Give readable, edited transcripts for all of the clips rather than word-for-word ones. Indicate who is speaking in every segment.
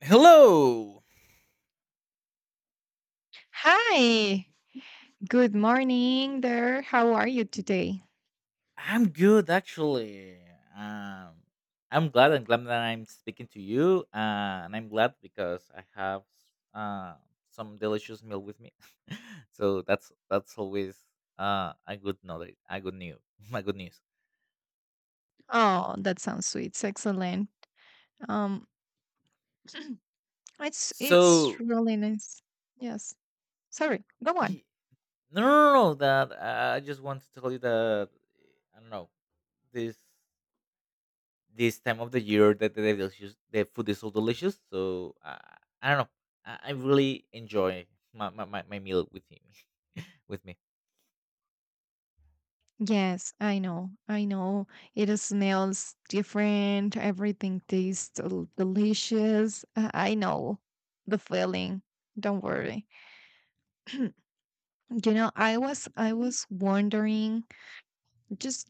Speaker 1: Hello.
Speaker 2: Hi, good morning there. How are you today?
Speaker 1: I'm good actually. Um I'm glad that I'm speaking to you, and I'm glad because I have uh some delicious meal with me. So that's always a good knowledge, a good news, my good news.
Speaker 2: Oh, that sounds sweet. It's excellent. Um, it's
Speaker 1: So
Speaker 2: really nice. Yes. Sorry. Go on.
Speaker 1: y- no, no, no, no, that, I just want to tell you that I don't know this. this time of the year that the delicious the food is so delicious. So, I don't know. I really enjoy my meal with him with me.
Speaker 2: Yes, I know. I know. It is smells different. Everything tastes delicious. I know the feeling. Don't worry. I was wondering just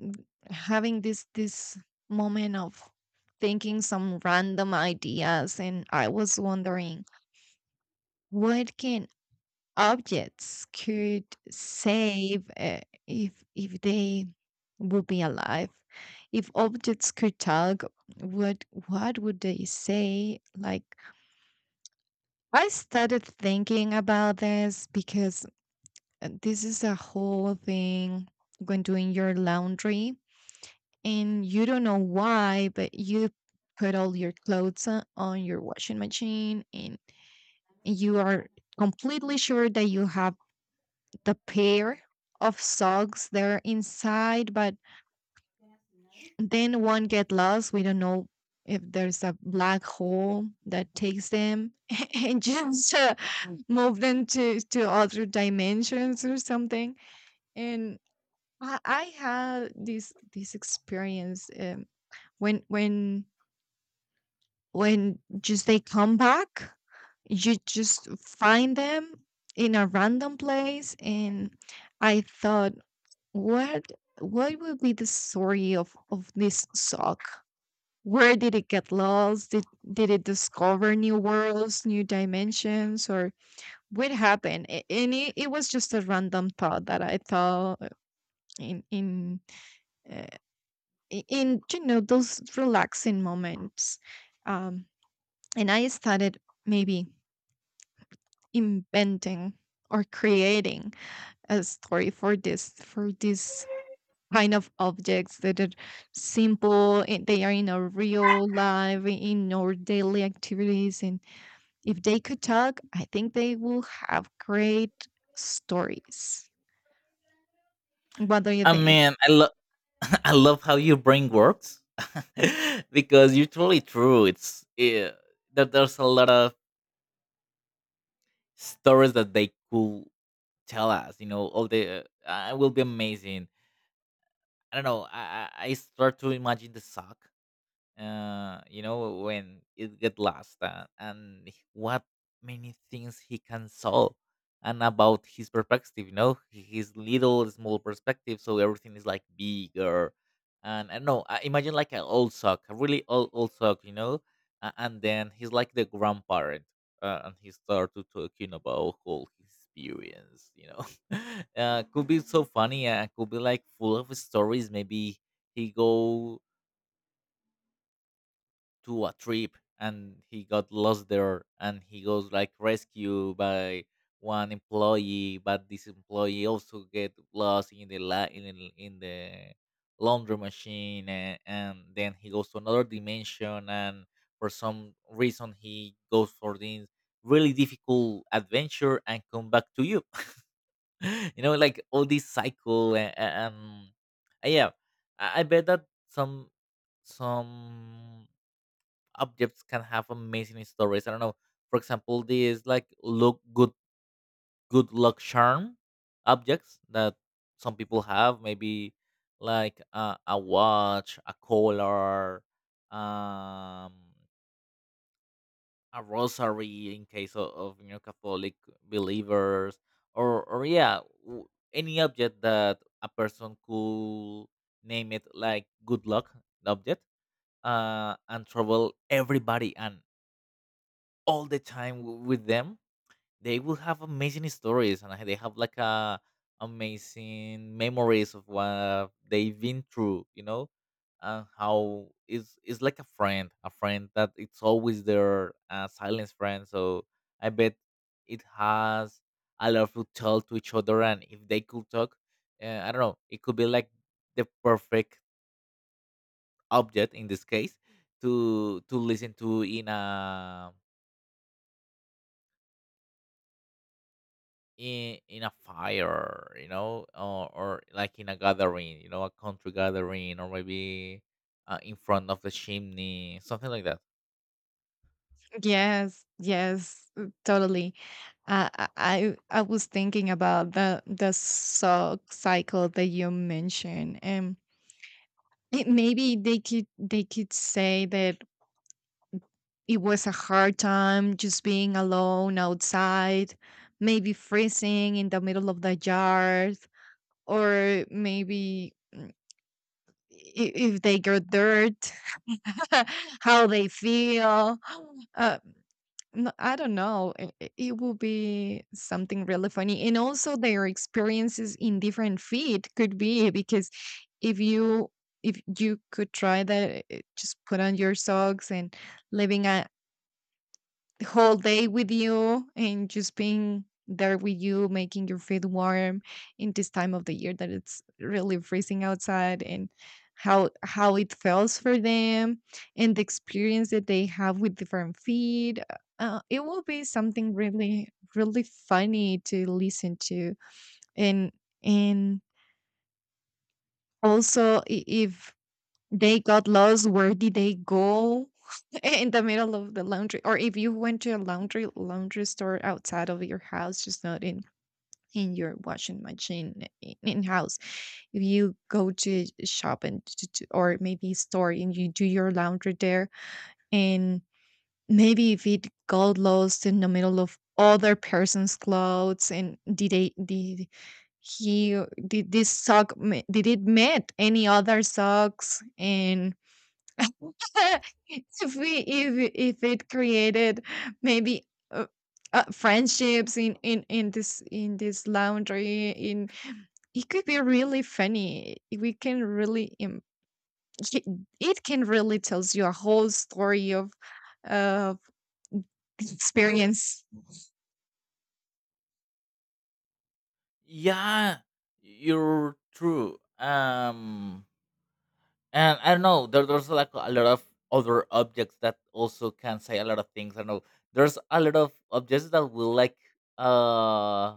Speaker 2: n- having this moment of thinking some random ideas, and I was wondering what can objects could save, if they would be alive, if objects could talk, what would they say. Like, I started thinking about this because this is a whole thing. When doing your laundry and you don't know why, but you put all your clothes on, your washing machine, and you are completely sure that you have the pair of socks there inside, but then one get lost. We don't know if there's a black hole that takes them and just Mm. move them to, other dimensions or something. And I had this experience, when when just they come back, you just find them in a random place. And I thought, what would be the story of this sock? Where did it get lost? Did it discover new worlds, new dimensions, or what happened? And it was just a random thought that I thought in in uh, in you know those relaxing moments. um and I started maybe inventing or creating a story for this kind of objects that are simple, and they are in our real life, in our daily activities. And if they could talk, I think they will have great stories. What do you
Speaker 1: I
Speaker 2: think?
Speaker 1: mean, I love, I love how your brain works because you're totally true. It's yeah, that there's a lot of stories that they could tell us. You know, all the I will be amazing. I don't know. I start to imagine the sock, you know, when it get lost, and what many things he can solve and about his perspective, you know, his little small perspective. So everything is like bigger. And I know, I imagine like an old sock, a really old, old sock, you know, and then he's like the grandparent. And he started talking about all his experience, you know. Could be so funny. Could be like full of stories. Maybe he go to a trip and he got lost there and he goes like rescued by one employee, but this employee also get lost in the in, in the laundry machine, and then he goes to another dimension, and for some reason he goes for this really difficult adventure and come back to you. You know, like all this cycle, and yeah, I bet that some objects can have amazing stories. I don't know. For example, these like look good good luck charm objects that some people have, maybe like, a watch, a collar, um, a rosary in case of, you know, Catholic believers, or yeah, any object that a person could name it like good luck object, and trouble everybody. And all the time with them, they will have amazing stories, and they have like a amazing memories of what they've been through, you know, and how it's like a friend that it's always their, silence friend. So I bet it has a lot to tell to each other, and if they could talk, I don't know, it could be like the perfect object in this case to listen to in a in in a fire, you know, or like in a gathering, you know, a country gathering, or maybe, in front of the chimney, something like that.
Speaker 2: Yes, yes, totally. I was thinking about the sock cycle that you mentioned and. It maybe they could say that it was a hard time just being alone outside, maybe freezing in the middle of the yard, or maybe if they got dirt, how they feel. Uh, I don't know. I It will be something really funny, and also their experiences in different feet could be, eh, because if you could try that, eh, just put on your socks and living a the whole day with you and just being there with you, making your feet warm in this time of the year that it's really freezing outside. And how it feels for them and the experience that they have with different feed. It will be something really, really funny to listen to. And and also, if they got lost, where did they go? Eh, in the middle of the laundry? Or if you went to a laundry store outside of your house, just not in your washing machine in house, if you go to a shop and or maybe store and you do your laundry there, and maybe if it got lost in the middle of other person's clothes. And did they did he did this did it met any other socks? And if we If it created maybe, uh, friendships in this laundry in it could be really funny. We can really im- it it can really tells you a whole story of of experience.
Speaker 1: Yeah, you're true. And I don't know. There's like a lot of other objects that also can say a lot of things. I don't know. There's a lot of objects that will like, uh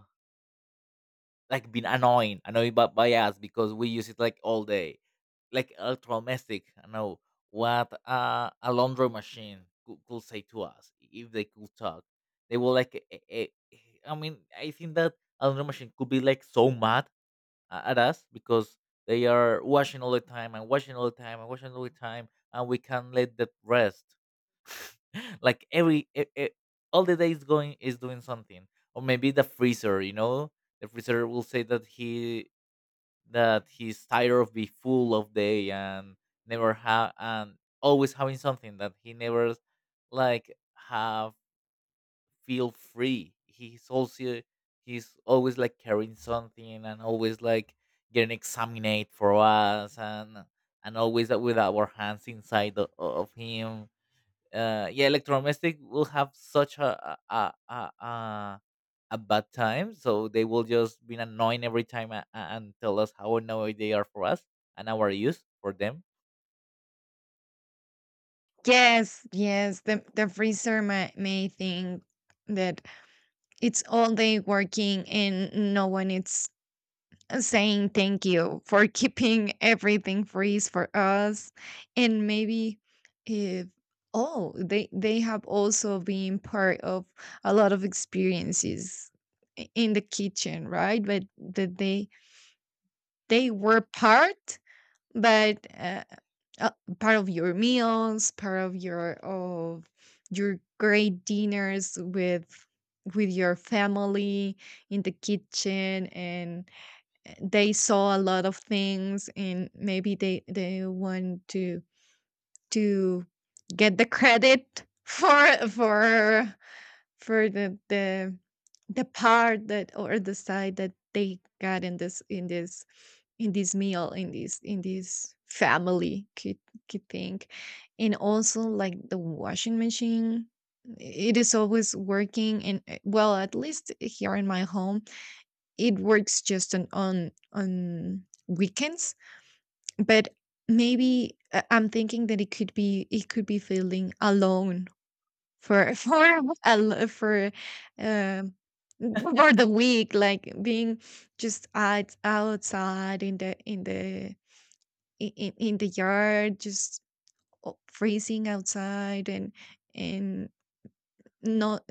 Speaker 1: like been annoying by us because we use it like all day, like electromestic. I know what, a laundry machine could say to us if they could talk. They were like, eh, I mean, I think that a laundry machine could be like so mad at us because they are washing all the time and washing all the time and washing all the time, and we can't let that rest. Like every all the days going is doing something, or maybe the freezer, you know, the freezer will say that he, that he's tired of be full of day and never have, and always having something that he never like have, feel free. He's also, he's always like carrying something, and always like getting examined for us, and always with our hands inside the, of him. Yeah, electromagnetic will have such a bad time, so they will just be annoying every time and tell us how annoyed they are for us, and our use for them.
Speaker 2: Yes, yes, the freezer may think that it's all day working and no one is saying thank you for keeping everything freeze for us. And maybe, if, oh, they have also been part of a lot of experiences in the kitchen, right? But that they were part, but uh, part of your meals, part of your great dinners with your family in the kitchen. And they saw a lot of things, and maybe they want to to get the credit for for the the part that, or the side that they got in this meal, in this family kid thing. And also, like the washing machine, it is always working, and, well, at least here in my home, it works just on on weekends. But maybe, I'm thinking that it could be feeling alone for for a lo- um for the week, like being just outside in the in the yard, just freezing outside. And and not,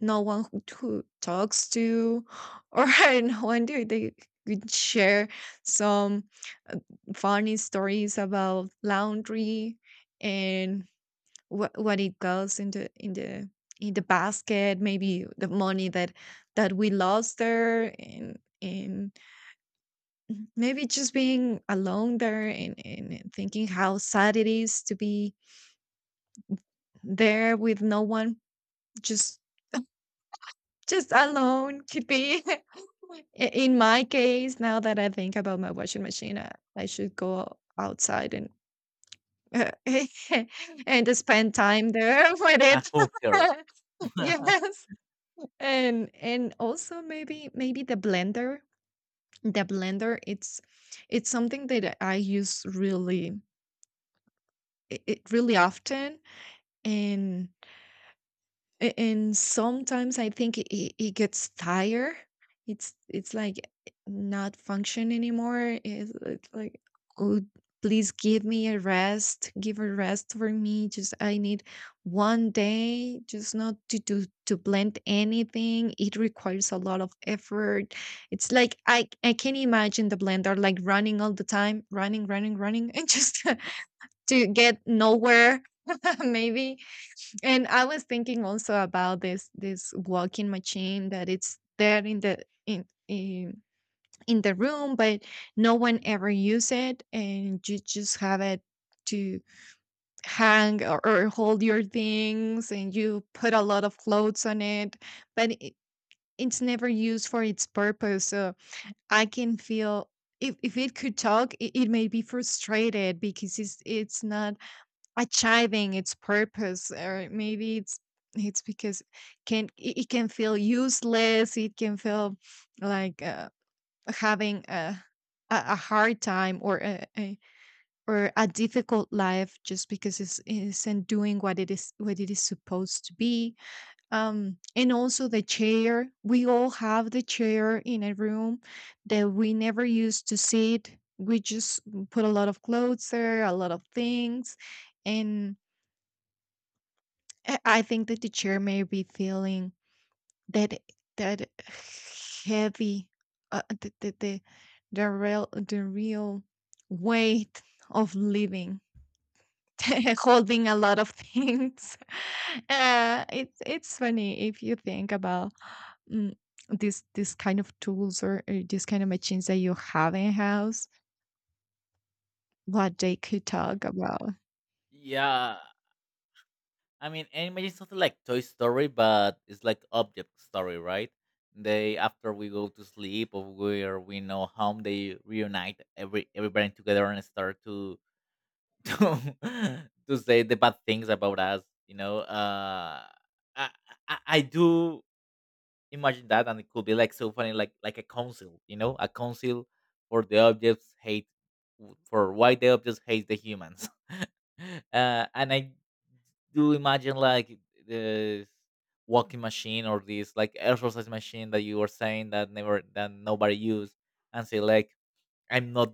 Speaker 2: no one who talks to, or no one do they could share some, uh, funny stories about laundry. And what it goes in the in the basket, maybe the money that we lost there. And maybe just being alone there, and thinking how sad it is to be there with no one, just alone to be. I- In my case, now that I think about my washing machine, I should go outside and and spend time there with
Speaker 1: A
Speaker 2: it.
Speaker 1: hooker.
Speaker 2: Yes, and also, maybe the blender. The blender, it's something that I use really it really often. And and sometimes I think it gets tired. It's like not function anymore. It's like, oh, please give me a rest. Give a rest for me. Just I need one day, just not to do to blend anything. It requires a lot of effort. It's like I can imagine the blender, like running all the time, running, running, running, and just to get nowhere. Maybe. And I was thinking also about this walking machine that it's there in the in the room, but no one ever use it, and you just have it to hang, or hold your things, and you put a lot of clothes on it, but it's never used for its purpose. So I can feel. If it could talk, it may be frustrated because it's not achieving its purpose. Or maybe it's because, can it can feel useless. It can feel like, having a hard time, or a, or a difficult life, just because it isn't doing what it is, what it is supposed to be. Um, and also the chair. We all have the chair in a room that we never used to sit. We just put a lot of clothes there, a lot of things. And I think that the chair may be feeling that that heavy, the, the real weight of living, holding a lot of things. It's funny if you think about, mm, this kind of tools, or this kind of machines that you have in house, what they could talk about.
Speaker 1: Yeah, I mean, and imagine something like Toy Story, but it's like object story, right? They, after we go to sleep or where we know home, they reunite everybody together and start to to say the bad things about us, you know. I, I do imagine that, and it could be like so funny, like a council, you know, a council for the objects hate, for why the objects hate the humans. And I do imagine like the walking machine, or this like exercise machine that you were saying that never that nobody used, and say like, I'm not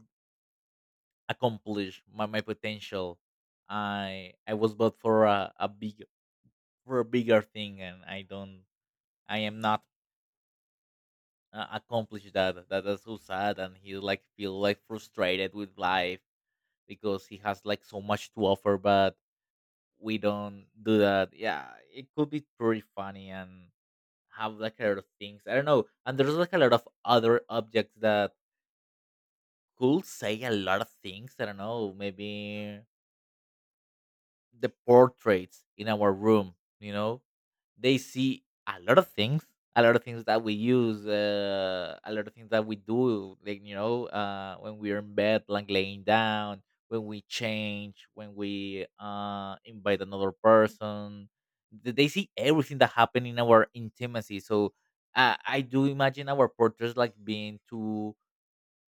Speaker 1: accomplish my potential. I was built for a big, for a bigger thing, and I am not, accomplished That's so sad, and he like feel like frustrated with life because he has like so much to offer, but we don't do that. Yeah, it could be pretty funny and have like a lot of things. I don't know, and there's like a lot of other objects that could say a lot of things. I don't know, maybe the portraits in our room, you know, they see a lot of things, a lot of things that we use, a lot of things that we do, like, you know, when we're in bed like laying down, when we change, when we, invite another person, they see everything that happened in our intimacy. So, I do imagine our portraits like being two,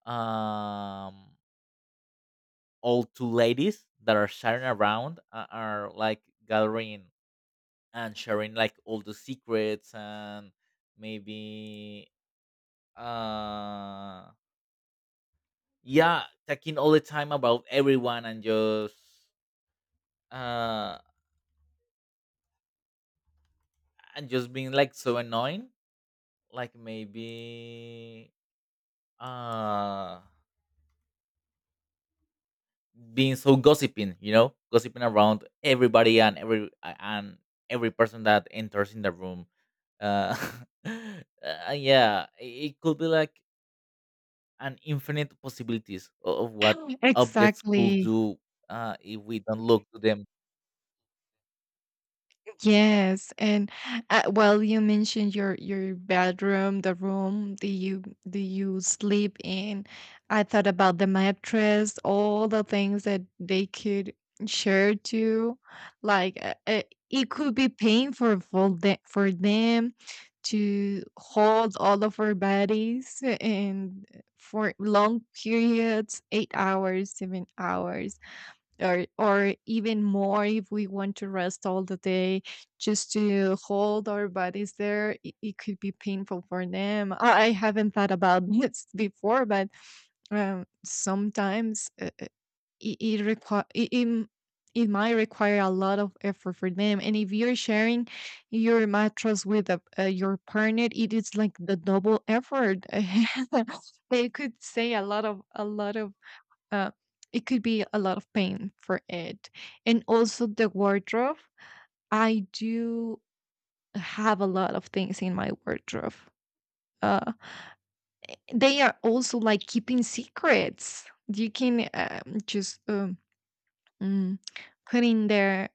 Speaker 1: um all two ladies that are sharing around, are like gathering and sharing like all the secrets, and maybe, uh yeah, talking all the time about everyone, and just, uh and just being like so annoying, like maybe, uh being so gossiping, you know, gossiping around everybody, and every person that enters in the room. uh yeah, it could be like, and infinite possibilities of what objects could
Speaker 2: Exactly.
Speaker 1: do, if we don't look to them.
Speaker 2: Yes, and well, you mentioned your bedroom, the room that you sleep in. I thought about the mattress, all the things that they could share to. Like, it could be painful for them to hold all of our bodies. And for long periods, 8 hours, 7 hours, or even more if we want to rest all the day, just to hold our bodies there, it could be painful for them. I haven't thought about this before, but sometimes, it, it require it, it m- it might require a lot of effort for them. And if you're sharing your mattress with a, your partner, it is like the double effort. They could say a lot of uh, it could be a lot of pain for it. And also the wardrobe. I do have a lot of things in my wardrobe. Uh, they are also like keeping secrets. You can, just, mm, put in there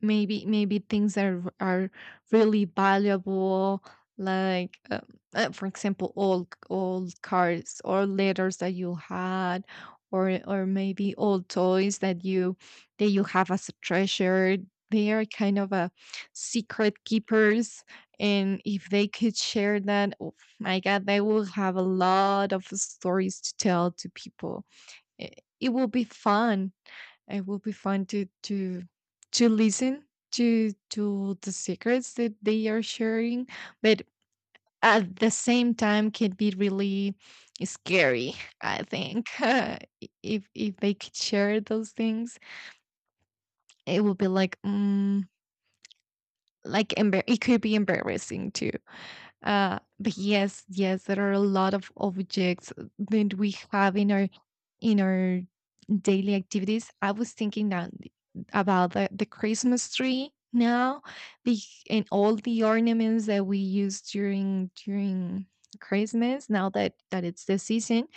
Speaker 2: maybe things are really valuable, like, for example, old cards or letters that you had, or maybe old toys that you have as a treasure. They are kind of a secret keepers. And if they could share that, oh my god, they will have a lot of stories to tell to people. It will be fun. It will be fun to listen to the secrets that they are sharing. But at the same time can be really scary, I think. If they could share those things, it would be like, mm, like it could be embarrassing too. But yes, yes, there are a lot of objects that we have in our in our daily activities. I was thinking that about the Christmas tree now, the, and all the ornaments that we use during Christmas. Now that it's the season,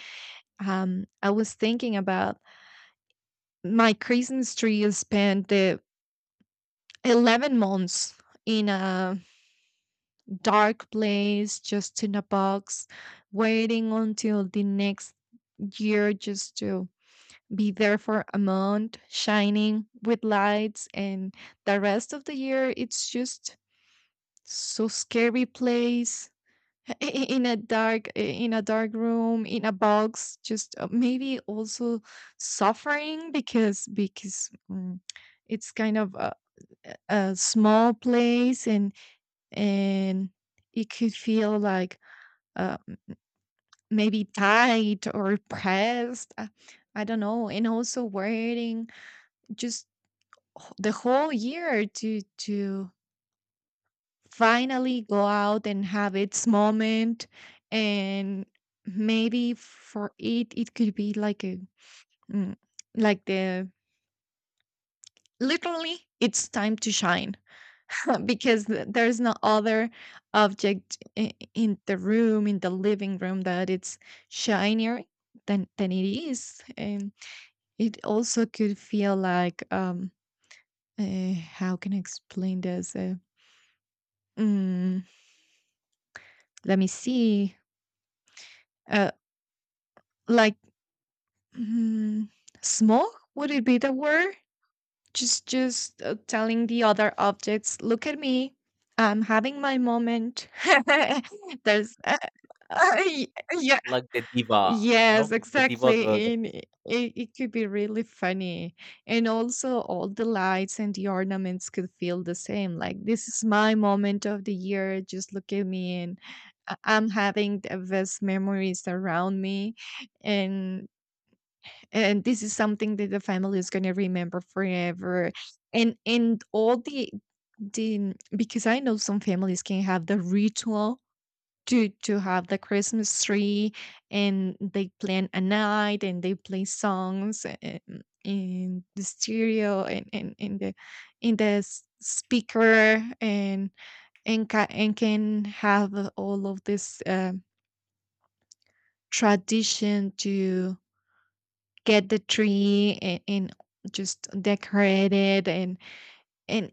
Speaker 2: I was thinking about my Christmas tree spent the 11 months in a dark place, just in a box, waiting until the next year, just to be there for a month shining with lights, and the rest of the year it's just so scary place, in a dark room in a box, just maybe also suffering, because it's kind of a small place, and and it could feel like uh, maybe tight or pressed, I don't know. And also wearing just the whole year to finally go out and have its moment, and maybe for it it could be like a mm, like the literally it's time to shine. Because there's no other object in the room, in the living room, that it's shinier than it is. And it also could feel like how can I explain this? Let me see. Uh, like mm, smog? Would it be the word? Just telling the other objects, "Look at me. I'm having my moment." There's,
Speaker 1: Like the diva, you know,
Speaker 2: Yes,
Speaker 1: the diva of the-
Speaker 2: exactly. And it could be really funny. And also, all the lights and the ornaments could feel the same. Like, this is my moment of the year. Just look at me, and I'm having the best memories around me. And and this is something that the family is gonna remember forever. And all the because I know some families can have the ritual to have the Christmas tree, and they plan a night, and they play songs and, in the stereo and in the speaker, and and can have all of this tradition to get the tree and just decorate it and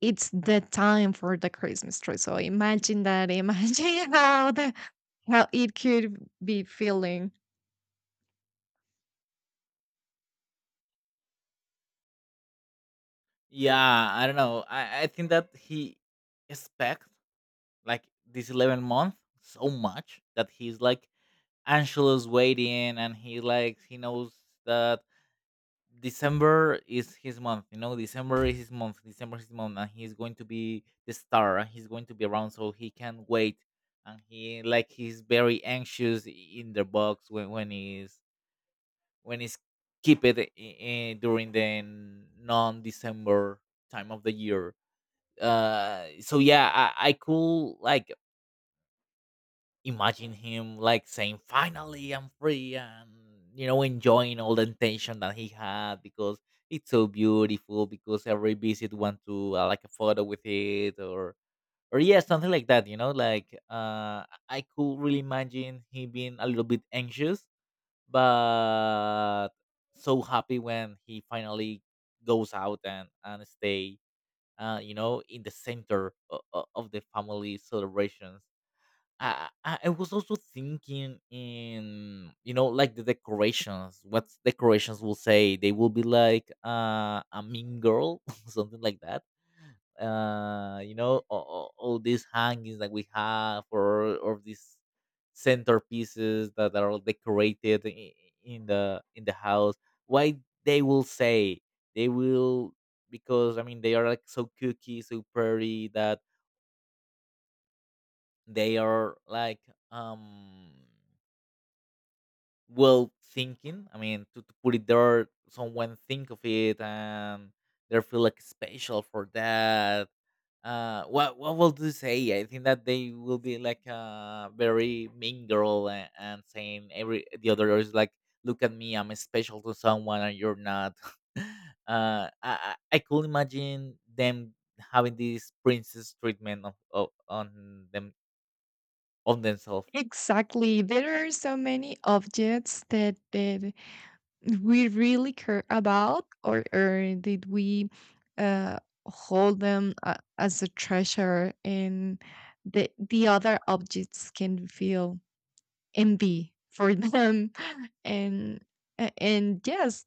Speaker 2: it's the time for the Christmas tree. So imagine that. Imagine how the how it could be feeling.
Speaker 1: yeah, I don't know. I think that he expect like this 11 month so much that he's like anxious waiting, and he like he knows that December is his month. You know, December is his month. December is his month, and he's going to be the star. And he's going to be around, so he can't wait. And he like he's very anxious in the box when he's when he's keep it during the non December time of the year. So yeah, I could like imagine him like saying, "Finally, I'm free," and, you know, enjoying all the attention that he had because it's so beautiful. Because every visit want to, like a photo with it, or yeah, something like that. You know, like, I could really imagine him being a little bit anxious, but so happy when he finally goes out and stay. You know, in the center of the family celebrations. I was also thinking in, you know, like the decorations. What decorations will say? They will be like, a mean girl, something like that. You know, all these hangings that we have, or these centerpieces that are all decorated in the house. Why they will they will because I mean they are like so cookie, so pretty that they are like, um well thinking, I mean, to put it there, someone think of it, and they feel like special for that. What will you say? I think that they will be like a very mean girl, and saying every the other is like, look at me, I'm special to someone, and you're not. I could imagine them having this princess treatment of on them, on themselves.
Speaker 2: Exactly. There are so many objects that we really care about, or that we uh, hold them as a treasure, and the other objects can feel envy for them. And, and yes,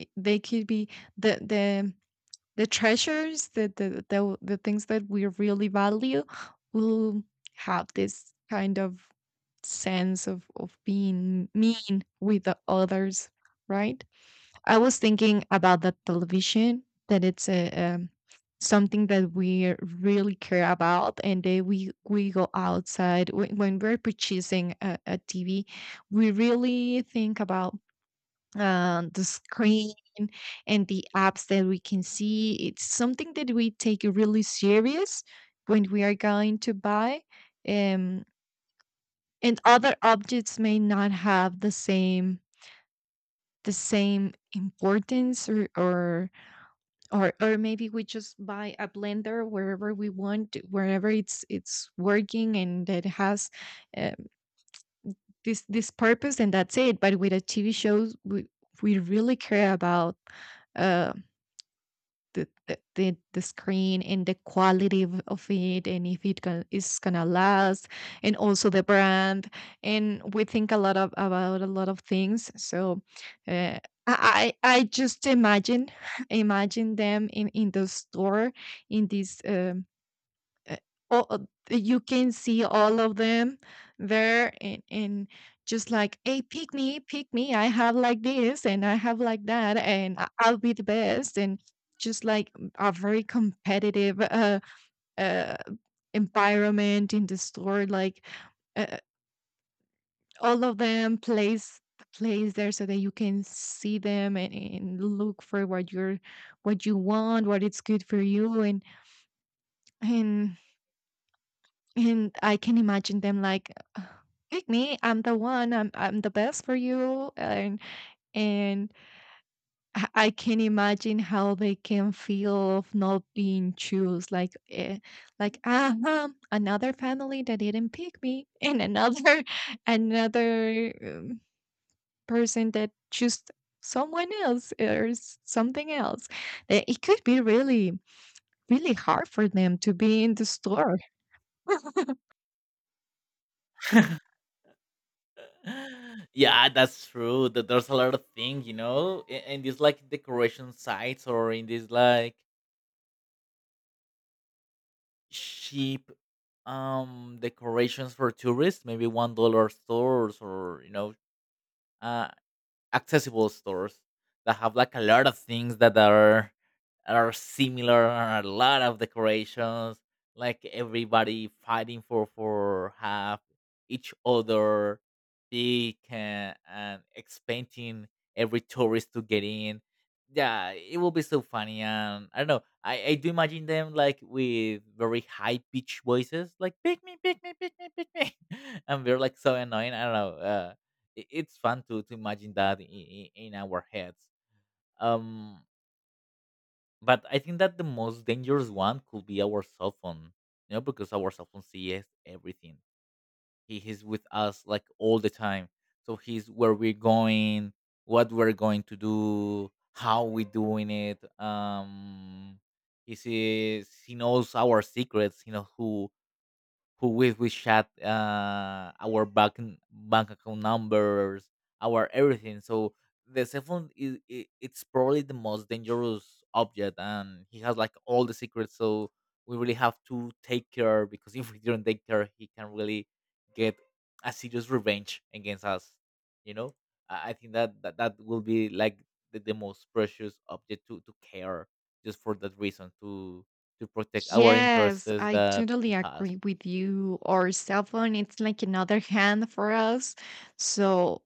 Speaker 2: they could be the, the, the treasures, the things that we really value will have this kind of sense of being mean with the others, right? I was thinking about the television that it's a something that we really care about, and then we go outside when we're purchasing a TV. We really think about the screen and the apps that we can see. It's something that we take really serious when we are going to buy. um, and other objects may not have the same importance or maybe we just buy a blender wherever we want, wherever it's working and that has um, this purpose, and that's it. But with a TV shows we really care about uh, the the screen and the quality of it, and if is gonna last, and also the brand. And we think a lot of about a lot of things. So uh, I just imagine imagine them in the store in this uh, all, uh, you can see all of them there, and just like, "Hey, pick me, pick me. I have like this, and I have like that, and I'll be the best." And just like, a very competitive uh, environment in the store. Like, uh, all of them place there so that you can see them and look for what you're what you want, what it's good for you. And and and I can imagine them like, "Ugh, pick me. I'm the one. I'm the best for you." And I can imagine how they can feel of not being choose. Like, ah, huh, another family that didn't pick me, and another another person that choose someone else, or something else. It could be really really hard for them to be in the store.
Speaker 1: Yeah, that's true, that there's a lot of thing, you know, in these like decoration sites, or in these like cheap, decorations for tourists, maybe $1 stores, or you know, uh, accessible stores that have like a lot of things that are similar, a lot of decorations, like everybody fighting for half each other, they can, and expecting every tourist to get in. Yeah, it will be so funny, and I don't know. I do imagine them like with very high pitched voices, like pick me, pick me, pick me, pick me, and they're like so annoying. I don't know. It's fun to imagine that in our heads. Um, but I think that the most dangerous one could be our cell phone, you know, because our cell phone sees everything. He is with us like all the time, so he's where we're going, what we're going to do, how we are doing it. He sees, he knows our secrets. You know who we chat, our bank account numbers, our everything. So the cell phone is I it's probably the most dangerous object, and he has like all the secrets. So we really have to take care, because if we don't take care, he can really get a serious revenge against us. You know, I think that, that will be like the most precious object to care just for that reason to protect our interests
Speaker 2: Yes, I
Speaker 1: that he
Speaker 2: totally
Speaker 1: has.
Speaker 2: agree with you. Our cell phone, it's like another hand for us. So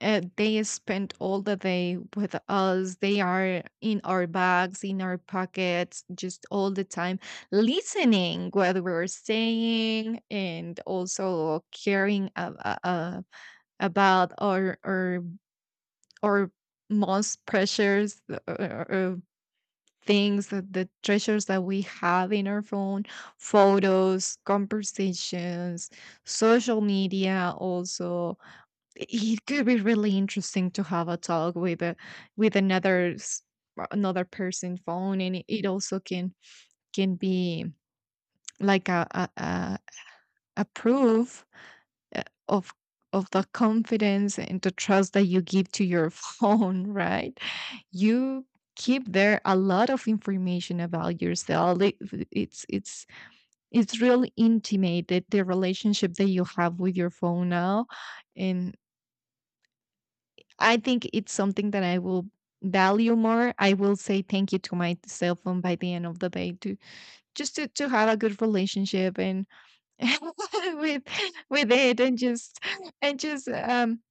Speaker 2: they spend all the day with us. They are in our bags, in our pockets, just all the time listening what we're saying, and also caring about our most precious uh, uh, things that the treasures that we have in our phone, photos, conversations, social media. Also it could be really interesting to have a talk with a with another another person phone. And it also can be like a proof uh, of the confidence and the trust that you give to your phone, right? You keep there a lot of information about yourself. It's it's really intimate, that the relationship that you have with your phone now. And I think it's something that I will value more. I will say thank you to my cell phone by the end of the day, to just to have a good relationship and with with it, and just um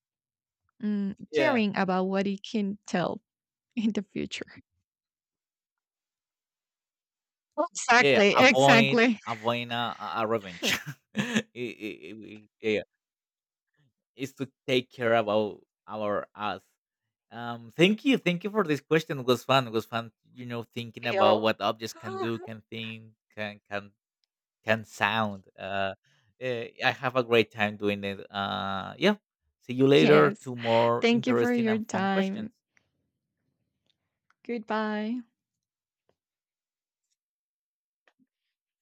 Speaker 2: mm,
Speaker 1: Yeah,
Speaker 2: caring about what it can tell in the future.
Speaker 1: yeah,
Speaker 2: Exactly,
Speaker 1: avoid
Speaker 2: exactly.
Speaker 1: a revenge. I Yeah, is to take care about our us. Thank you for this question. It was fun. It was fun, you know, thinking about
Speaker 2: Feel.
Speaker 1: what objects can do, can think, can sound. I have a great time doing it. Yeah. See you later
Speaker 2: Yes.
Speaker 1: to more
Speaker 2: Thank you for
Speaker 1: interesting
Speaker 2: your
Speaker 1: and fun questions.
Speaker 2: time. Goodbye.